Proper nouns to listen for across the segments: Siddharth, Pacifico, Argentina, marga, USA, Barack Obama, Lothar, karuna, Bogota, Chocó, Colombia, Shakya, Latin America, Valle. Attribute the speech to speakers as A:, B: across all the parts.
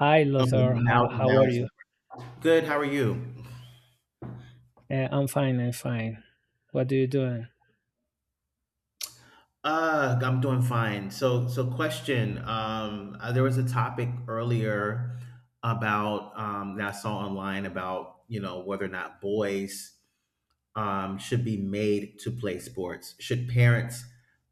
A: Hi,
B: Okay,
A: Lothar. How,
B: now
A: how
B: now
A: are
B: it's
A: you?
B: good. How are you?
A: I'm fine. I'm fine. What are you doing?
B: I'm doing fine. So question. There was a topic earlier about that I saw online about whether or not boys should be made to play sports. Should parents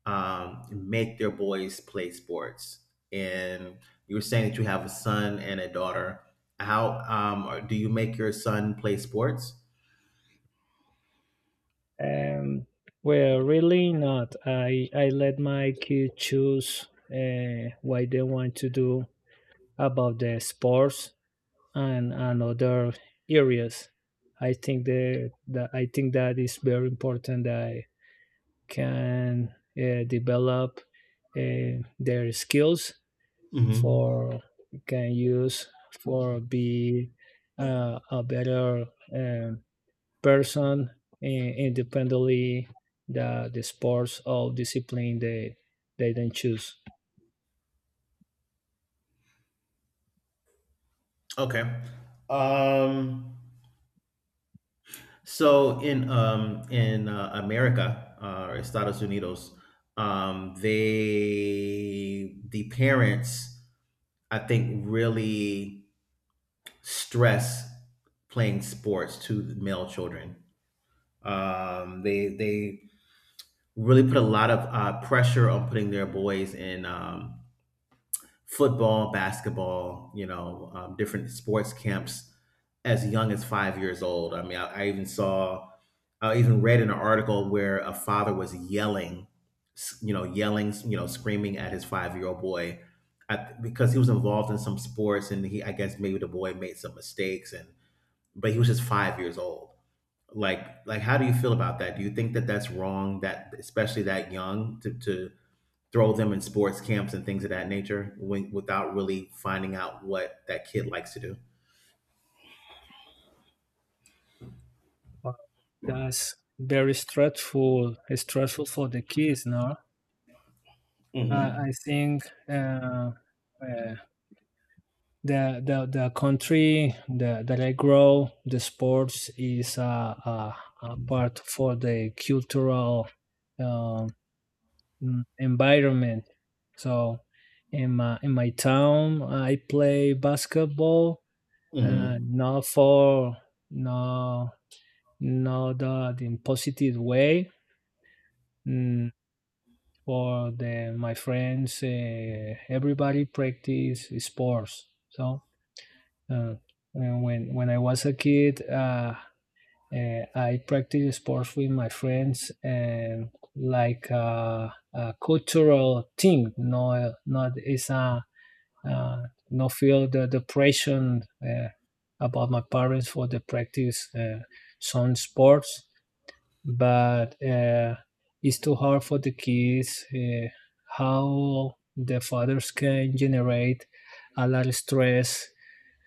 B: make their boys play sports? And you were saying that you have a son and a daughter. How do you make your son play sports?
A: Um, well, really not. I let my kids choose what they want to do about the sports and other areas. I think that is very important. That I can develop their skills
B: Mm-hmm.
A: for you can use for be a better um, person in, independently the sports or discipline they then choose.
B: Okay. Um, so in America, or Estados Unidos, the parents, I think, really stress playing sports to the male children. They really put a lot of pressure on putting their boys in football, basketball, you know, different sports camps as young as 5 years old. I mean, I even saw, I even read in an article where a father was yelling, you know, yelling, you know, screaming at his 5 year old boy at, because he was involved in some sports and he, I guess maybe the boy made some mistakes, and, but he was just 5 years old. Like, like, how do you feel about that? Do you think that that's wrong? That especially that young to throw them in sports camps and things of that nature when, without really finding out what that kid likes to do.
A: Wow, that's very stressful for the kids. No. I
B: Mm-hmm.
A: think uh, the country that I grow, the sports is a, a part for the cultural um, environment. So in my town, I play basketball,
B: Mm-hmm.
A: not for no not that in positive way. Mm, for the my friends, everybody practice sports. So uh, and when I was a kid, I practiced sports with my friends and like a cultural thing. No, not it's a uh, no feel the depression about my parents for the practice some sports but it's too hard for the kids how the fathers can generate a lot of stress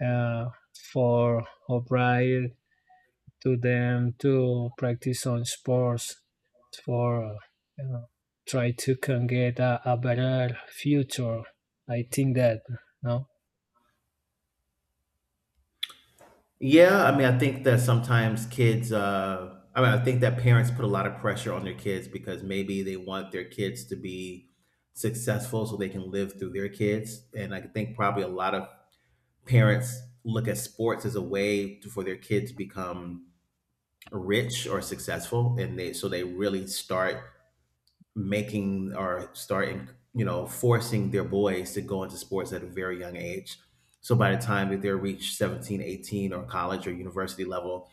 A: uh, for O'Brien to them to practice on sports for you know, try to can get a better future. I think that no.
B: Yeah, I mean, I think that sometimes kids, I mean, I think that parents put a lot of pressure on their kids because maybe they want their kids to be successful so they can live through their kids. And I think probably a lot of parents look at sports as a way to, for their kids to become rich or successful, and they so they really start making or starting, you know, forcing their boys to go into sports at a very young age. So by the time that they reach 17, 18, or college or university level,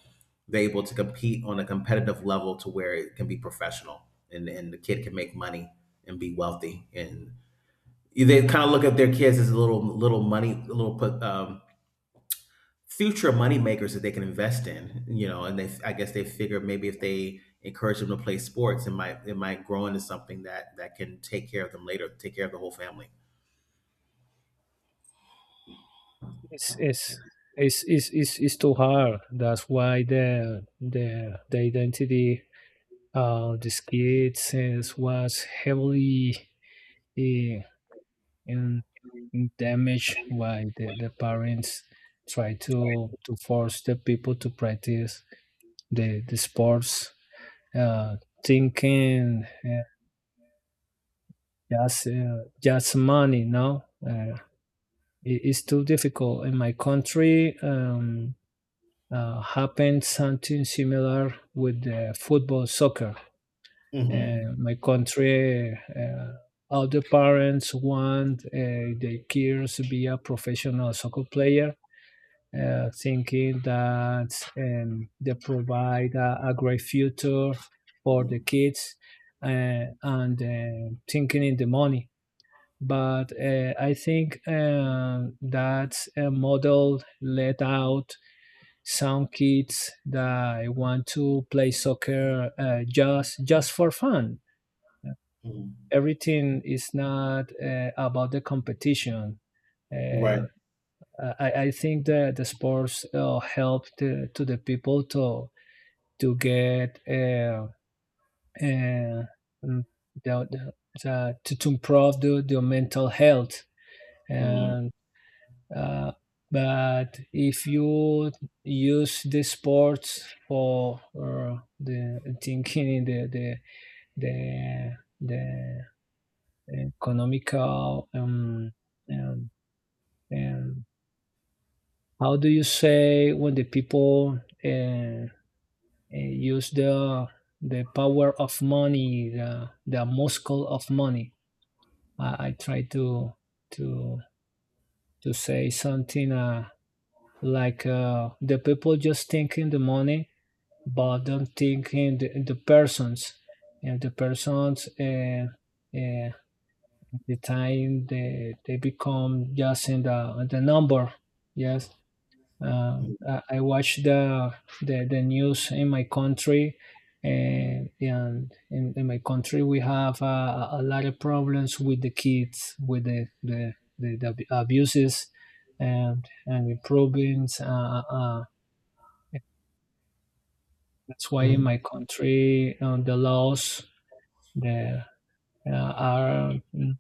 B: they're able to compete on a competitive level to where it can be professional, and the kid can make money and be wealthy. And they kind of look at their kids as little, little money, little, future money makers that they can invest in, you know, and they, I guess they figure maybe if they encourage them to play sports, it might grow into something that that can take care of them later, take care of the whole family.
A: it's it's it's, it's too hard. That's why the identity of these kids was heavily eh, in, in damaged by the parents try to force the people to practice the sports uh, thinking just uh, just money. No, it's too difficult in my country. Happened something similar with the football soccer.
B: Mhm.
A: My country, all the parents want their kids to be a professional soccer player, thinking that they provide a great future for the
B: Mhm.
A: kids and thinking in the money. But I think that model let out some kids that want to play soccer just for fun.
B: Mhm.
A: Everything is not about the competition.
B: Right.
A: Uh, I think that the sports help to the people to get uh, mm, the, the, to improve the mental health
B: Mhm.
A: and Uh, but if you use the sports for the thinking the, the economical um, um, how do you say when the people use the power of money the muscle of money I try to to say something like the people just thinking the money but don't think in the persons and the persons uh, the time they become just in the number yes
B: Mhm.
A: I watch the news in my country and in my country we have a lot of problems with the kids with the abuses and improvements that's why in
B: Mhm.
A: my country the laws they are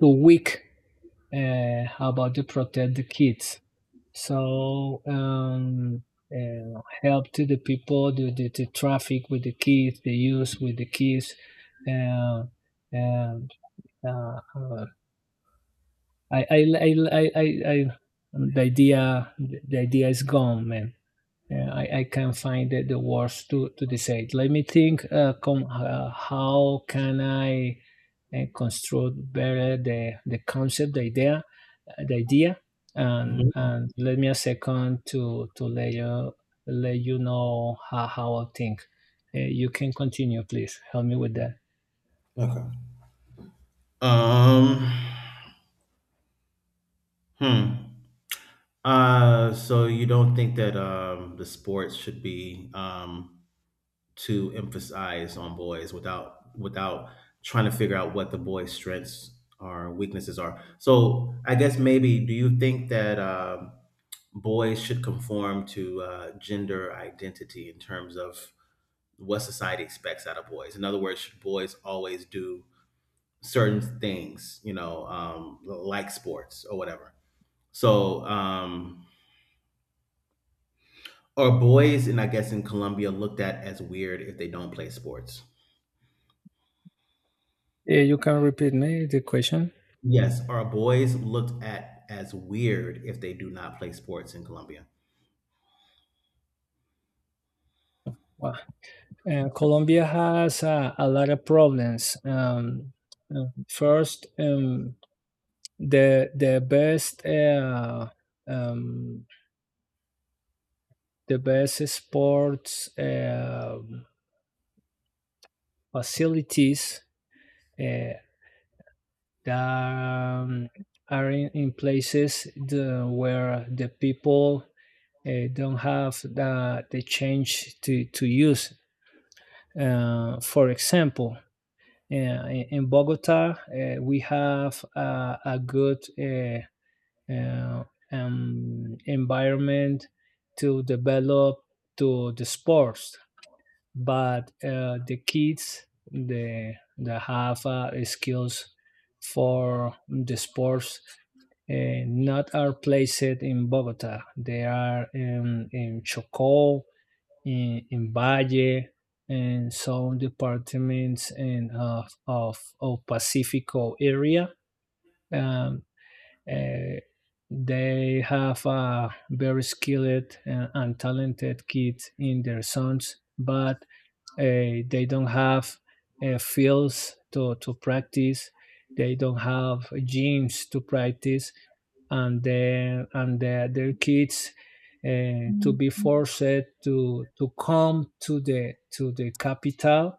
A: too weak about to protect the kids. So help to the people, the traffic with the kids, the use with the kids, uh, and uh, uh, I, I, I, I, I, I, the idea, is gone, man. Yeah, I can find the words to decide. Let me think. How can I construct better the concept, the idea, and
B: Mhm.
A: and let me a second to let you know how I think. You can continue, please. Help me with that.
B: Okay. Um. Hmm. So you don't think that the sports should be to emphasize on boys without trying to figure out what the boys' strengths or weaknesses are. So I guess maybe do you think that boys should conform to gender identity in terms of what society expects out of boys? In other words, should boys always do certain things, you know, like sports or whatever? So are boys, and I guess in Colombia, looked at as weird if they don't play sports?
A: You can repeat me the question.
B: Yes, our boys looked at as weird if they do not play sports in Colombia?
A: Wow. Colombia has a lot of problems. First, the the best uh, um, the best sports facilities uh, that are in places the, where the people don't have the change to use. For example, in Bogota, we have a good uh, environment to develop to the sports but the kids the that have skills for the sports not are placed in Bogota. They are in Chocó, in Valle, and some departments in, of Pacifico area. Um, uh, they have a very skilled and talented kids in their sons, but they don't have fields to practice. They don't have gyms to practice, and then and their kids to be forced to come to the capital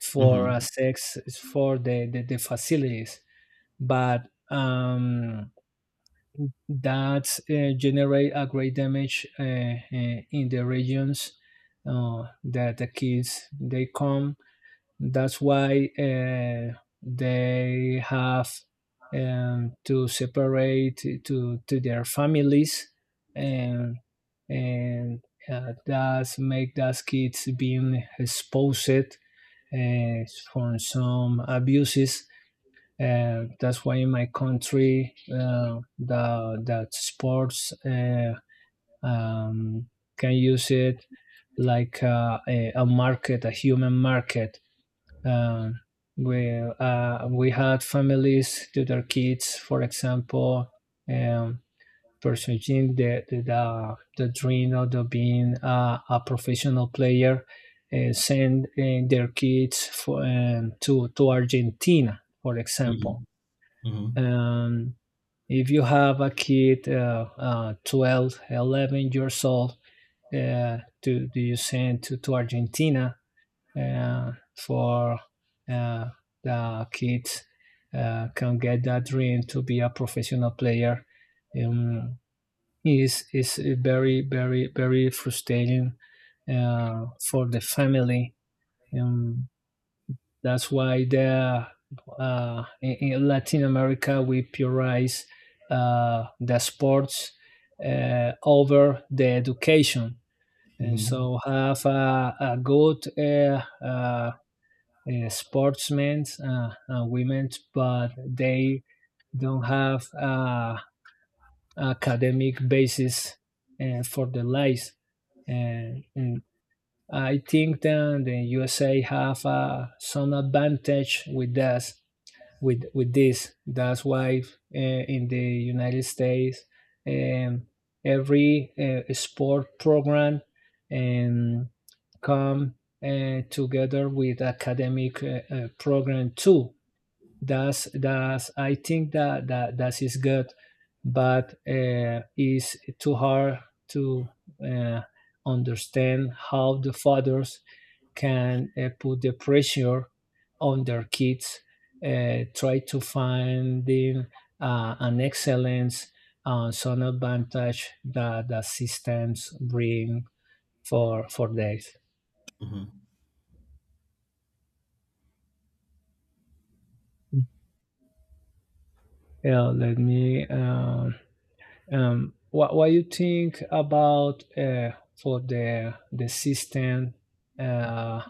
A: for a
B: Mhm.
A: sex for the facilities. But that generate a great damage in the regions that the kids they come. That's why they have to separate to their families and and that make those kids being exposed uh, from some abuses that's why in my country the that sports um, can use it like a market, a human market. Um, we had families to their kids, for example, um, pursuing the dream of being a professional player, send their kids for, to Argentina, for example.
B: Mhm. Mhm.
A: um, if you have a kid 12 11 years old to do you send to Argentina for uh, the kids can get that dream to be a professional player, um, is very very very frustrating for the family. um, that's why the in Latin America we prioritize the sports over the education, and
B: Mhm.
A: so have a good sportsmen and women, but they don't have academic basis for their lives. And I think that the USA have some advantage with that with this. That's why uh, in the United States, um, every sport program um, come together with academic program too. That's I think that that that is good, but it's too hard to uh, understand how the fathers can put the pressure on their kids, try to find in, an excellence and some advantage that the systems bring for this.
B: Mhm.
A: Yeah, let me. What you think about for the system? Uh,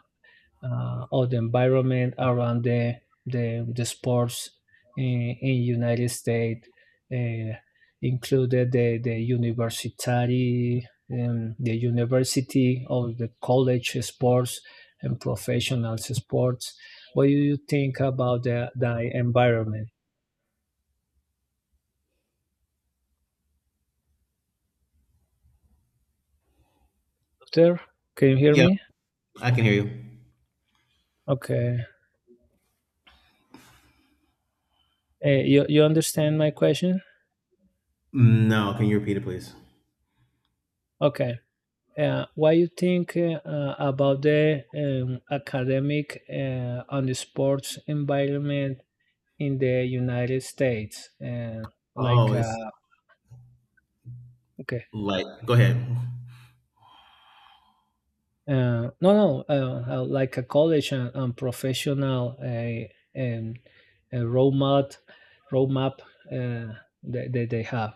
A: or the environment around the sports in United States uh, included the university the university or the college sports and professional sports. What do you think about the environment? There, can you hear
B: Yep,
A: me?
B: I can hear you.
A: Okay. You understand my question?
B: No, can you repeat it, please?
A: Okay. What you think about the academic and the sports environment in the United States? Like,
B: Oh, it's
A: okay,
B: like go ahead.
A: no, no, like a college and professional uh, roadmap, roadmap uh, that they have.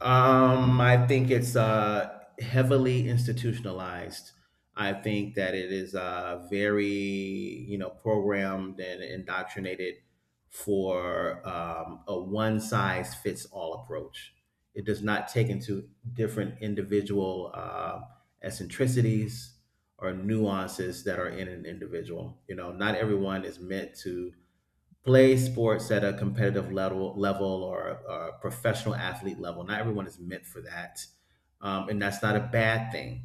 B: I think it's heavily institutionalized. I think that it is very, you know, programmed and indoctrinated for a one size fits all approach. It does not take into different individual eccentricities or nuances that are in an individual. You know, not everyone is meant to play sports at a competitive level or a professional athlete level. Not everyone is meant for that, and that's not a bad thing.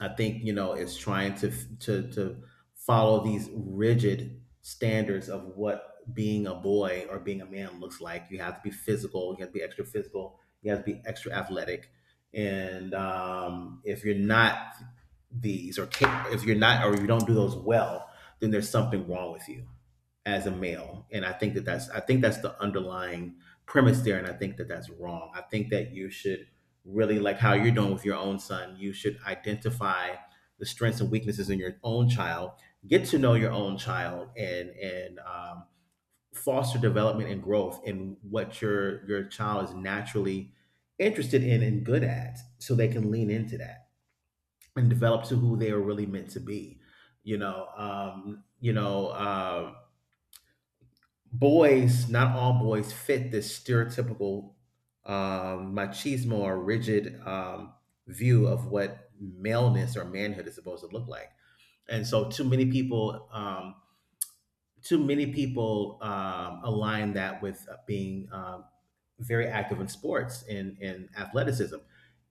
B: I think, you know, it's trying to to follow these rigid standards of what being a boy or being a man looks like. You have to be physical. You have to be extra physical. You have to be extra athletic. And if you're not these, or if you're not, or you don't do those well, then there's something wrong with you as a male. And I think that that's I think that's the underlying premise there, and I think that that's wrong. I think that you should really, like how you're doing with your own son, you should identify the strengths and weaknesses in your own child, get to know your own child, and foster development and growth in what your child is naturally interested in and good at, so they can lean into that and develop to who they are really meant to be. you know um you know um Boys, not all boys, fit this stereotypical machismo or rigid view of what maleness or manhood is supposed to look like. And so, too many people align that with being very active in sports and in athleticism.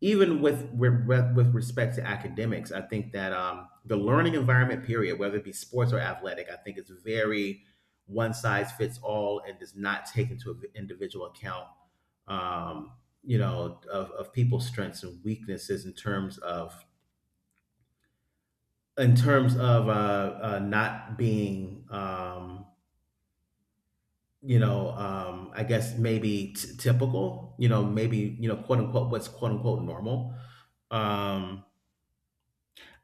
B: Even with respect to academics, I think that the learning environment period, whether it be sports or athletic, I think it's very one size fits all and does not take into an individual account, um, you know, of people's strengths and weaknesses in terms of not being you know, I guess maybe typical, you know, maybe, you know, quote unquote, what's quote unquote normal. Um,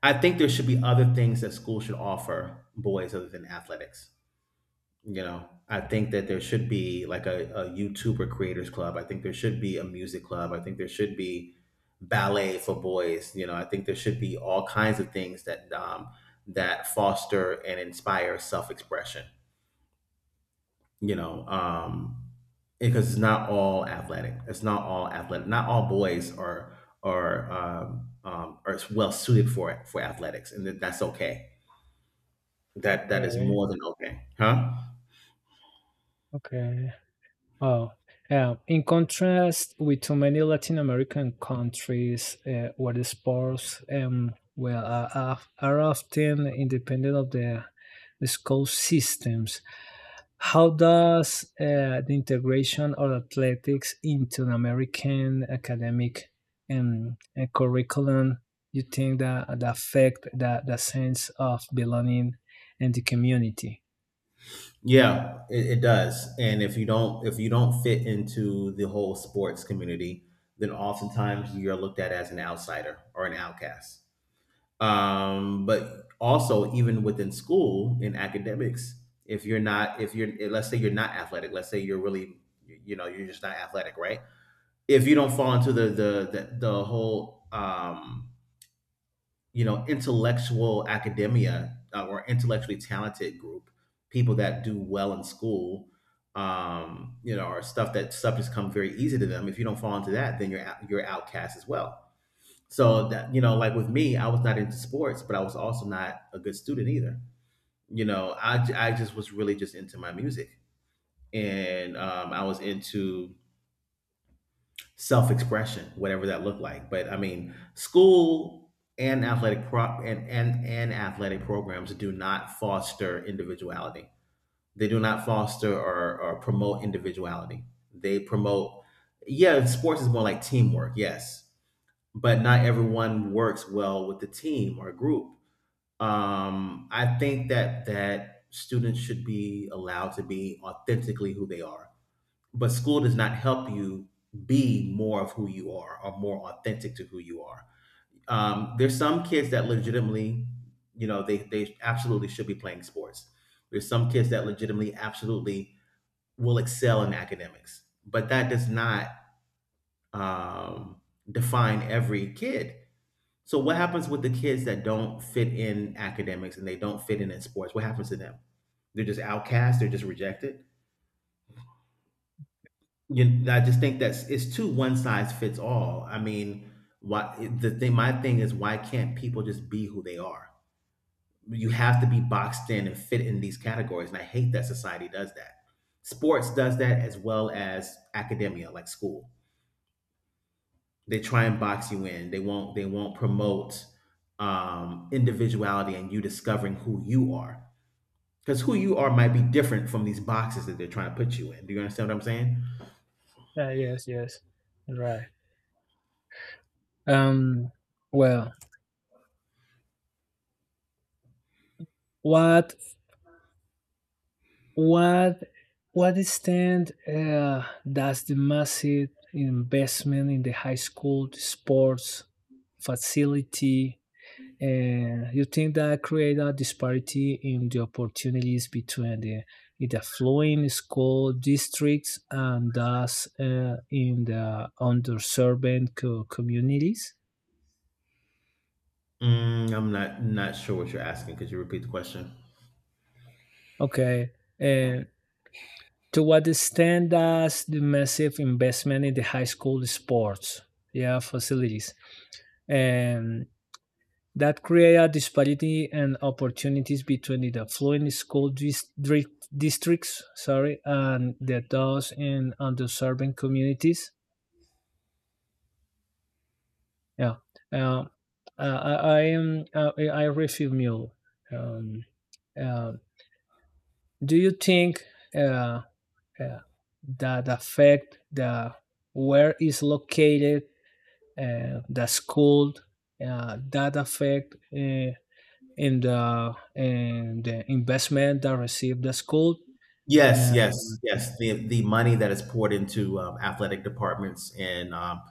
B: I think there should be other things that school should offer boys other than athletics. You know, I think that there should be like a YouTuber creators club. I think there should be a music club. I think there should be ballet for boys. You know, I think there should be all kinds of things that that foster and inspire self expression. you know um because it's not all athletic. It's not all athletic. Not all boys are are well suited for athletics, and that's okay. That that is
A: Okay,
B: more than okay, huh?
A: okay. Oh, yeah. In contrast with too many Latin American countries where the sports well are often independent of the school systems, how does the integration of athletics into an American academic curriculum you think that affect the sense of belonging and the community?
B: Yeah, it does. And if you don't, if you don't fit into the whole sports community, then oftentimes you're looked at as an outsider or an outcast. But also even within school in academics, if you're not, if you're let's say you're not athletic, let's say you're really, you know, you're just not athletic, right? If you don't fall into the whole, you know, intellectual academia, or intellectually talented group, people that do well in school, you know, or stuff that subjects come very easy to them, if you don't fall into that, then you're outcast as well. So that, you know, like with me, I was not into sports, but I was also not a good student either. You know, I just was really just into my music, and I was into self expression, whatever that looked like. But I mean, school and athletic prop and athletic programs do not foster individuality. They do not foster or promote individuality. They promote, yeah, sports is more like teamwork, yes, but not everyone works well with the team or group. I think that students should be allowed to be authentically who they are, but school does not help you be more of who you are or more authentic to who you are. There's some kids that legitimately, you know, they absolutely should be playing sports. There's some kids that legitimately, absolutely will excel in academics, but that does not um, define every kid. So what happens with the kids that don't fit in academics and they don't fit in sports? What happens to them? They're just outcast. They're just rejected. I just think that's, it's too one size fits all. I mean, why the thing? My thing is, why can't people just be who they are? You have to be boxed in and fit in these categories, and I hate that society does that. Sports does that as well as academia, like school. They try and box you in. They won't. They won't promote individuality and you discovering who you are. Because who you are might be different from these boxes that they're trying to put you in. Do you understand what I'm saying?
A: Yes, yes, right. Um, well, What what what extent does the massive investment in the high school sports facility you think that create a disparity in the opportunities between the in the affluent school districts and thus in the underserved communities?
B: Mm, I'm not not sure what you're asking. Could you repeat the question?
A: Okay, uh, to what extent does the massive investment in the high school sports, yeah, facilities and that create a disparity and opportunities between the affluent school districts, sorry, and the those in underserved communities? Yeah. Uh, I am I refuse mule. Um, uh, do you think uh, uh, that affect the where is located that's cold that affect in the investment that received the school
B: Yes,
A: uh,
B: yes, yes. The money that is poured into athletic departments and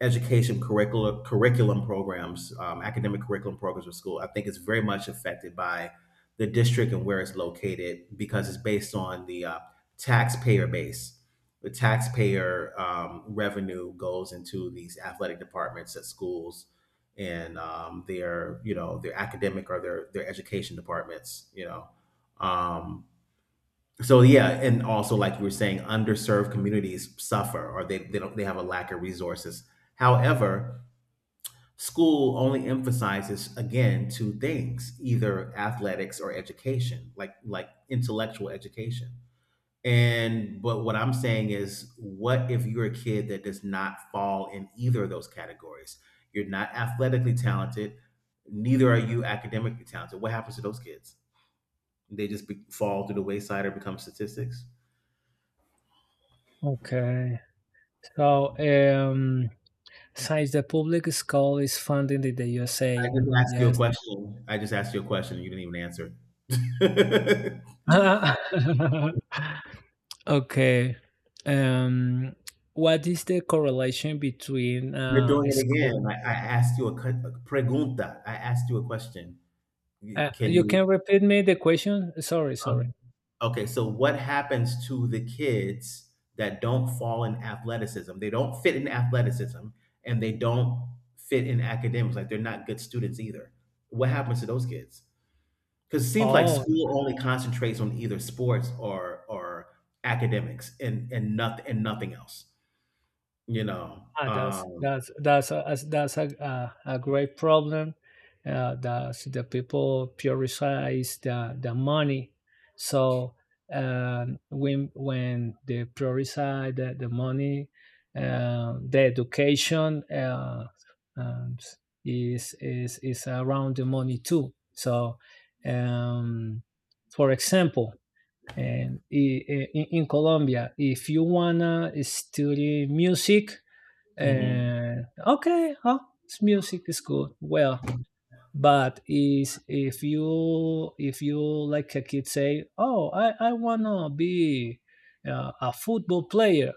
B: education curricula curriculum programs, academic curriculum programs of school, I think is very much affected by the district and where it's located because it's based on the taxpayer base. The taxpayer revenue goes into these athletic departments at schools and their, you know, their academic or their education departments, you know. Um, so yeah, and also like you were saying, underserved communities suffer, or they don't they have a lack of resources. However, school only emphasizes again two things: either athletics or education, like intellectual education. And but what I'm saying is, what if you're a kid that does not fall in either of those categories? You're not athletically talented, neither are you academically talented. What happens to those kids? They just fall to the wayside or become statistics.
A: okay, so since the public school is funded in the
B: I
A: USA.
B: just asked you a
A: Yes.
B: question. I just asked you a question and you didn't even answer.
A: Okay. um what is the correlation between
B: You're doing
A: a
B: it
A: school
B: again. I asked you a, a pregunta. I asked you a question. Can
A: you can
B: you?
A: repeat me the question, sorry, sorry.
B: um, okay, so what happens to the kids that don't fall in athleticism? They don't fit in athleticism and they don't fit in academics. Like, they're not good students either. What happens to those kids? Because it seems like
A: Oh.
B: school only concentrates on either sports or academics, and nothing else. You know.
A: Ah, that's a great problem. That the people prioritize the money. So, when they prioritize the money, the education um, is around the money too. So, um, for example, and in Colombia, if you wanna study music,
B: Mhm,
A: and okay, huh, it's music is good, well, but is if you like a kid say, oh, I wanna be a football player,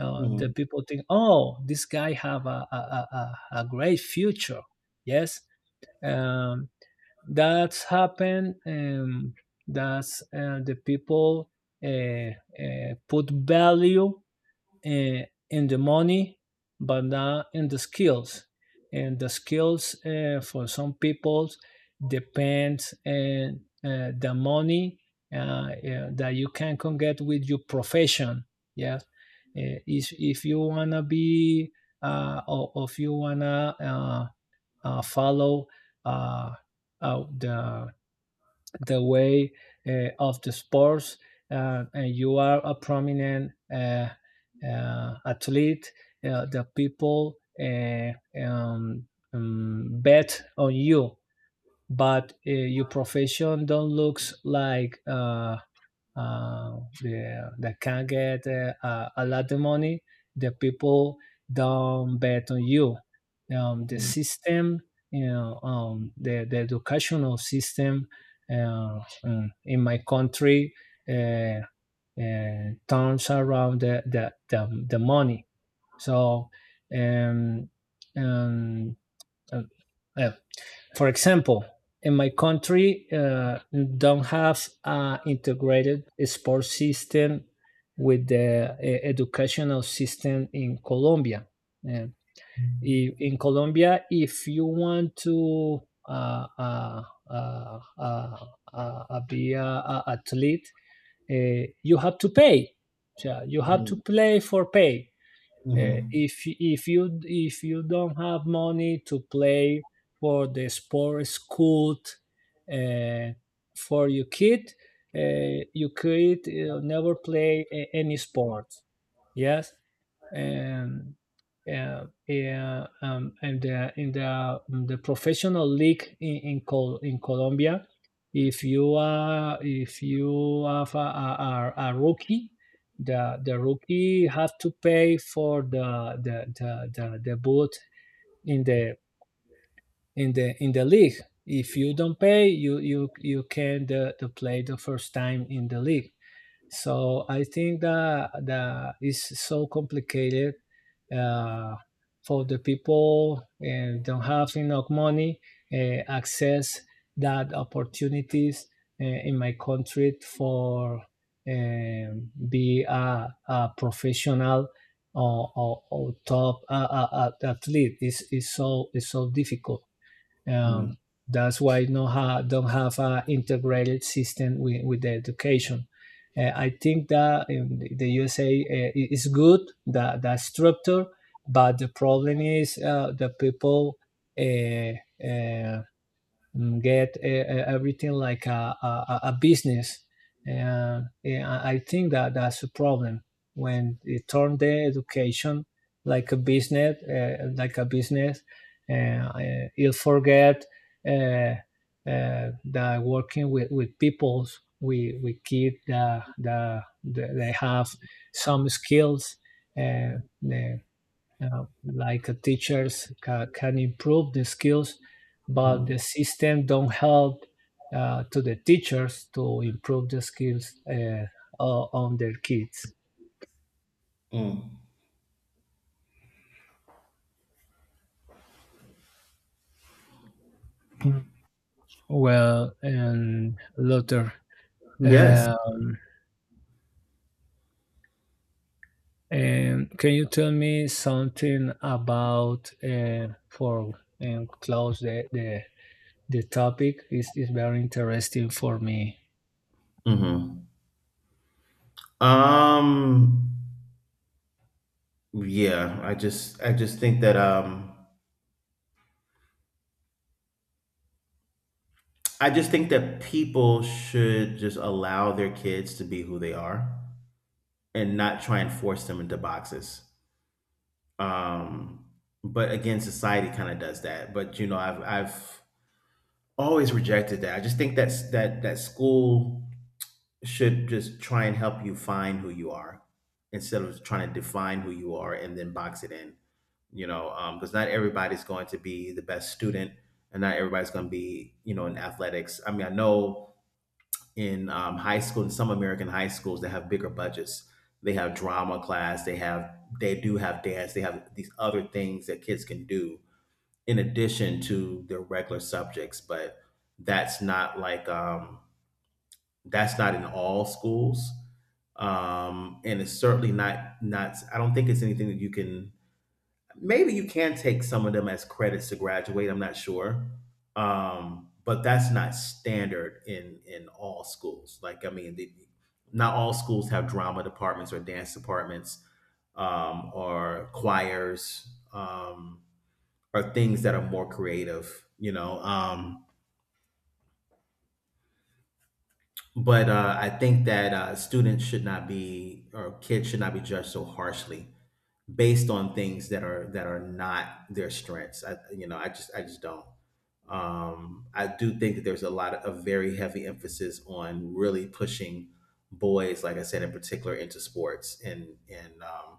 A: the
B: mhm,
A: people think, oh, this guy have a a great future. Yes. um that's happened. That's the people put value uh, in the money, but not in the skills. And the skills for some people depends on the money that you can get with your profession. Yeah. If you wanna be or if you wanna follow uh, uh, the the way of the sports, and you are a prominent athlete. The people um, bet on you, but your profession don't looks like uh, they can get a lot of money. The people don't bet on you. The
B: mhm,
A: system, the educational system in my country uh, turns around the money. So, um, um, uh, uh, for example, in my country, don't have an integrated sports system with the educational system in Colombia. And in Colombia, if you want to uh, uh, uh, uh, be athlete, you have to pay. So you have to
B: mhm,
A: play for pay.
B: mhm,
A: If you don't have money to play for the sports school uh, for your kid, you could never play any sport. Yes, and yeah, and the, in the professional league in Colombia, if you are if you have a rookie, the rookie have to pay for the boot in the league. If you don't pay, you can the play the first time in the league. So I think that that is so complicated uh, for the people and don't have enough money access that opportunities in my country for be a professional or top athlete is so difficult.
B: mhm,
A: Um, that's why no don't have an integrated system with the education. I think that in the USA it is good that that structure, but the problem is the people uh, uh, get everything like a business. And I think that that's a problem when it turn the education like a business, and you forget uh, that working with peoples, we keep they have some skills uh, the, like teachers can improve the skills but
B: mhm,
A: the system don't help to the teachers to improve the skills on their kids.
B: mhm.
A: Mm. Well, and Luther,
B: Yes.
A: um, and can you tell me something about for and close the topic is very interesting for me.
B: Hmm. Um. Yeah. I just think that I just think that people should just allow their kids to be who they are, and not try and force them into boxes. Um, but again, society kind of does that. But you know, I've always rejected that. I just think that's that that school should just try and help you find who you are, instead of trying to define who you are and then box it in. You know, because not everybody's going to be the best student, and not everybody's going to be, you know, in athletics. I mean, I know in high school, in some American high schools that have bigger budgets, they have drama class, they do have dance, they have these other things that kids can do in addition to their regular subjects. But that's not like, that's not in all schools, and it's certainly not, I don't think it's anything that you can, maybe you can take some of them as credits to graduate. I'm not sure, but that's not standard in all schools. Like, I mean, the, not all schools have drama departments or dance departments, or choirs, um, or things that are more creative. You know. But I think that students should not be, or kids should not be judged so harshly based on things that are not their strengths. I, you know, I just don't. I do think that there's a lot of a very heavy emphasis on really pushing boys, like I said, in particular into sports,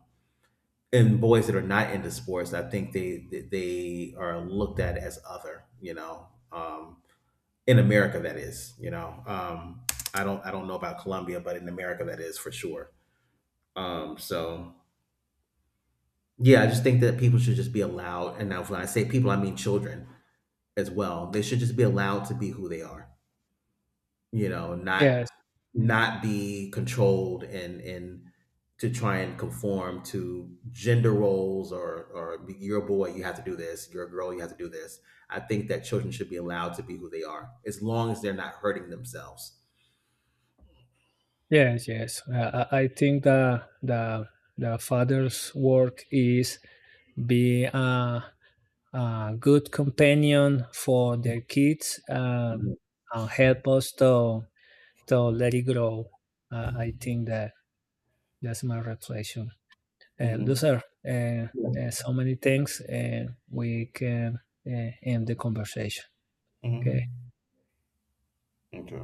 B: and boys that are not into sports, I think they are looked at as other. You know, in America that is. You know, I don't know about Colombia, but in America that is for sure. So yeah, I just think that people should just be allowed, and now when I say people, I mean children as well. They should just be allowed to be who they are, you know, not
A: Yes.
B: not be controlled and to try and conform to gender roles, or you're a boy, you have to do this, you're a girl, you have to do this. I think that children should be allowed to be who they are, as long as they're not hurting themselves.
A: Yes, yes. I think the father's work is be a good companion for their kids and help us to let it grow. I think that that's my reflection.
B: Mm-hmm.
A: Loser, uh, so many things, and we can end the conversation. Okay.
B: Mm-hmm. Okay.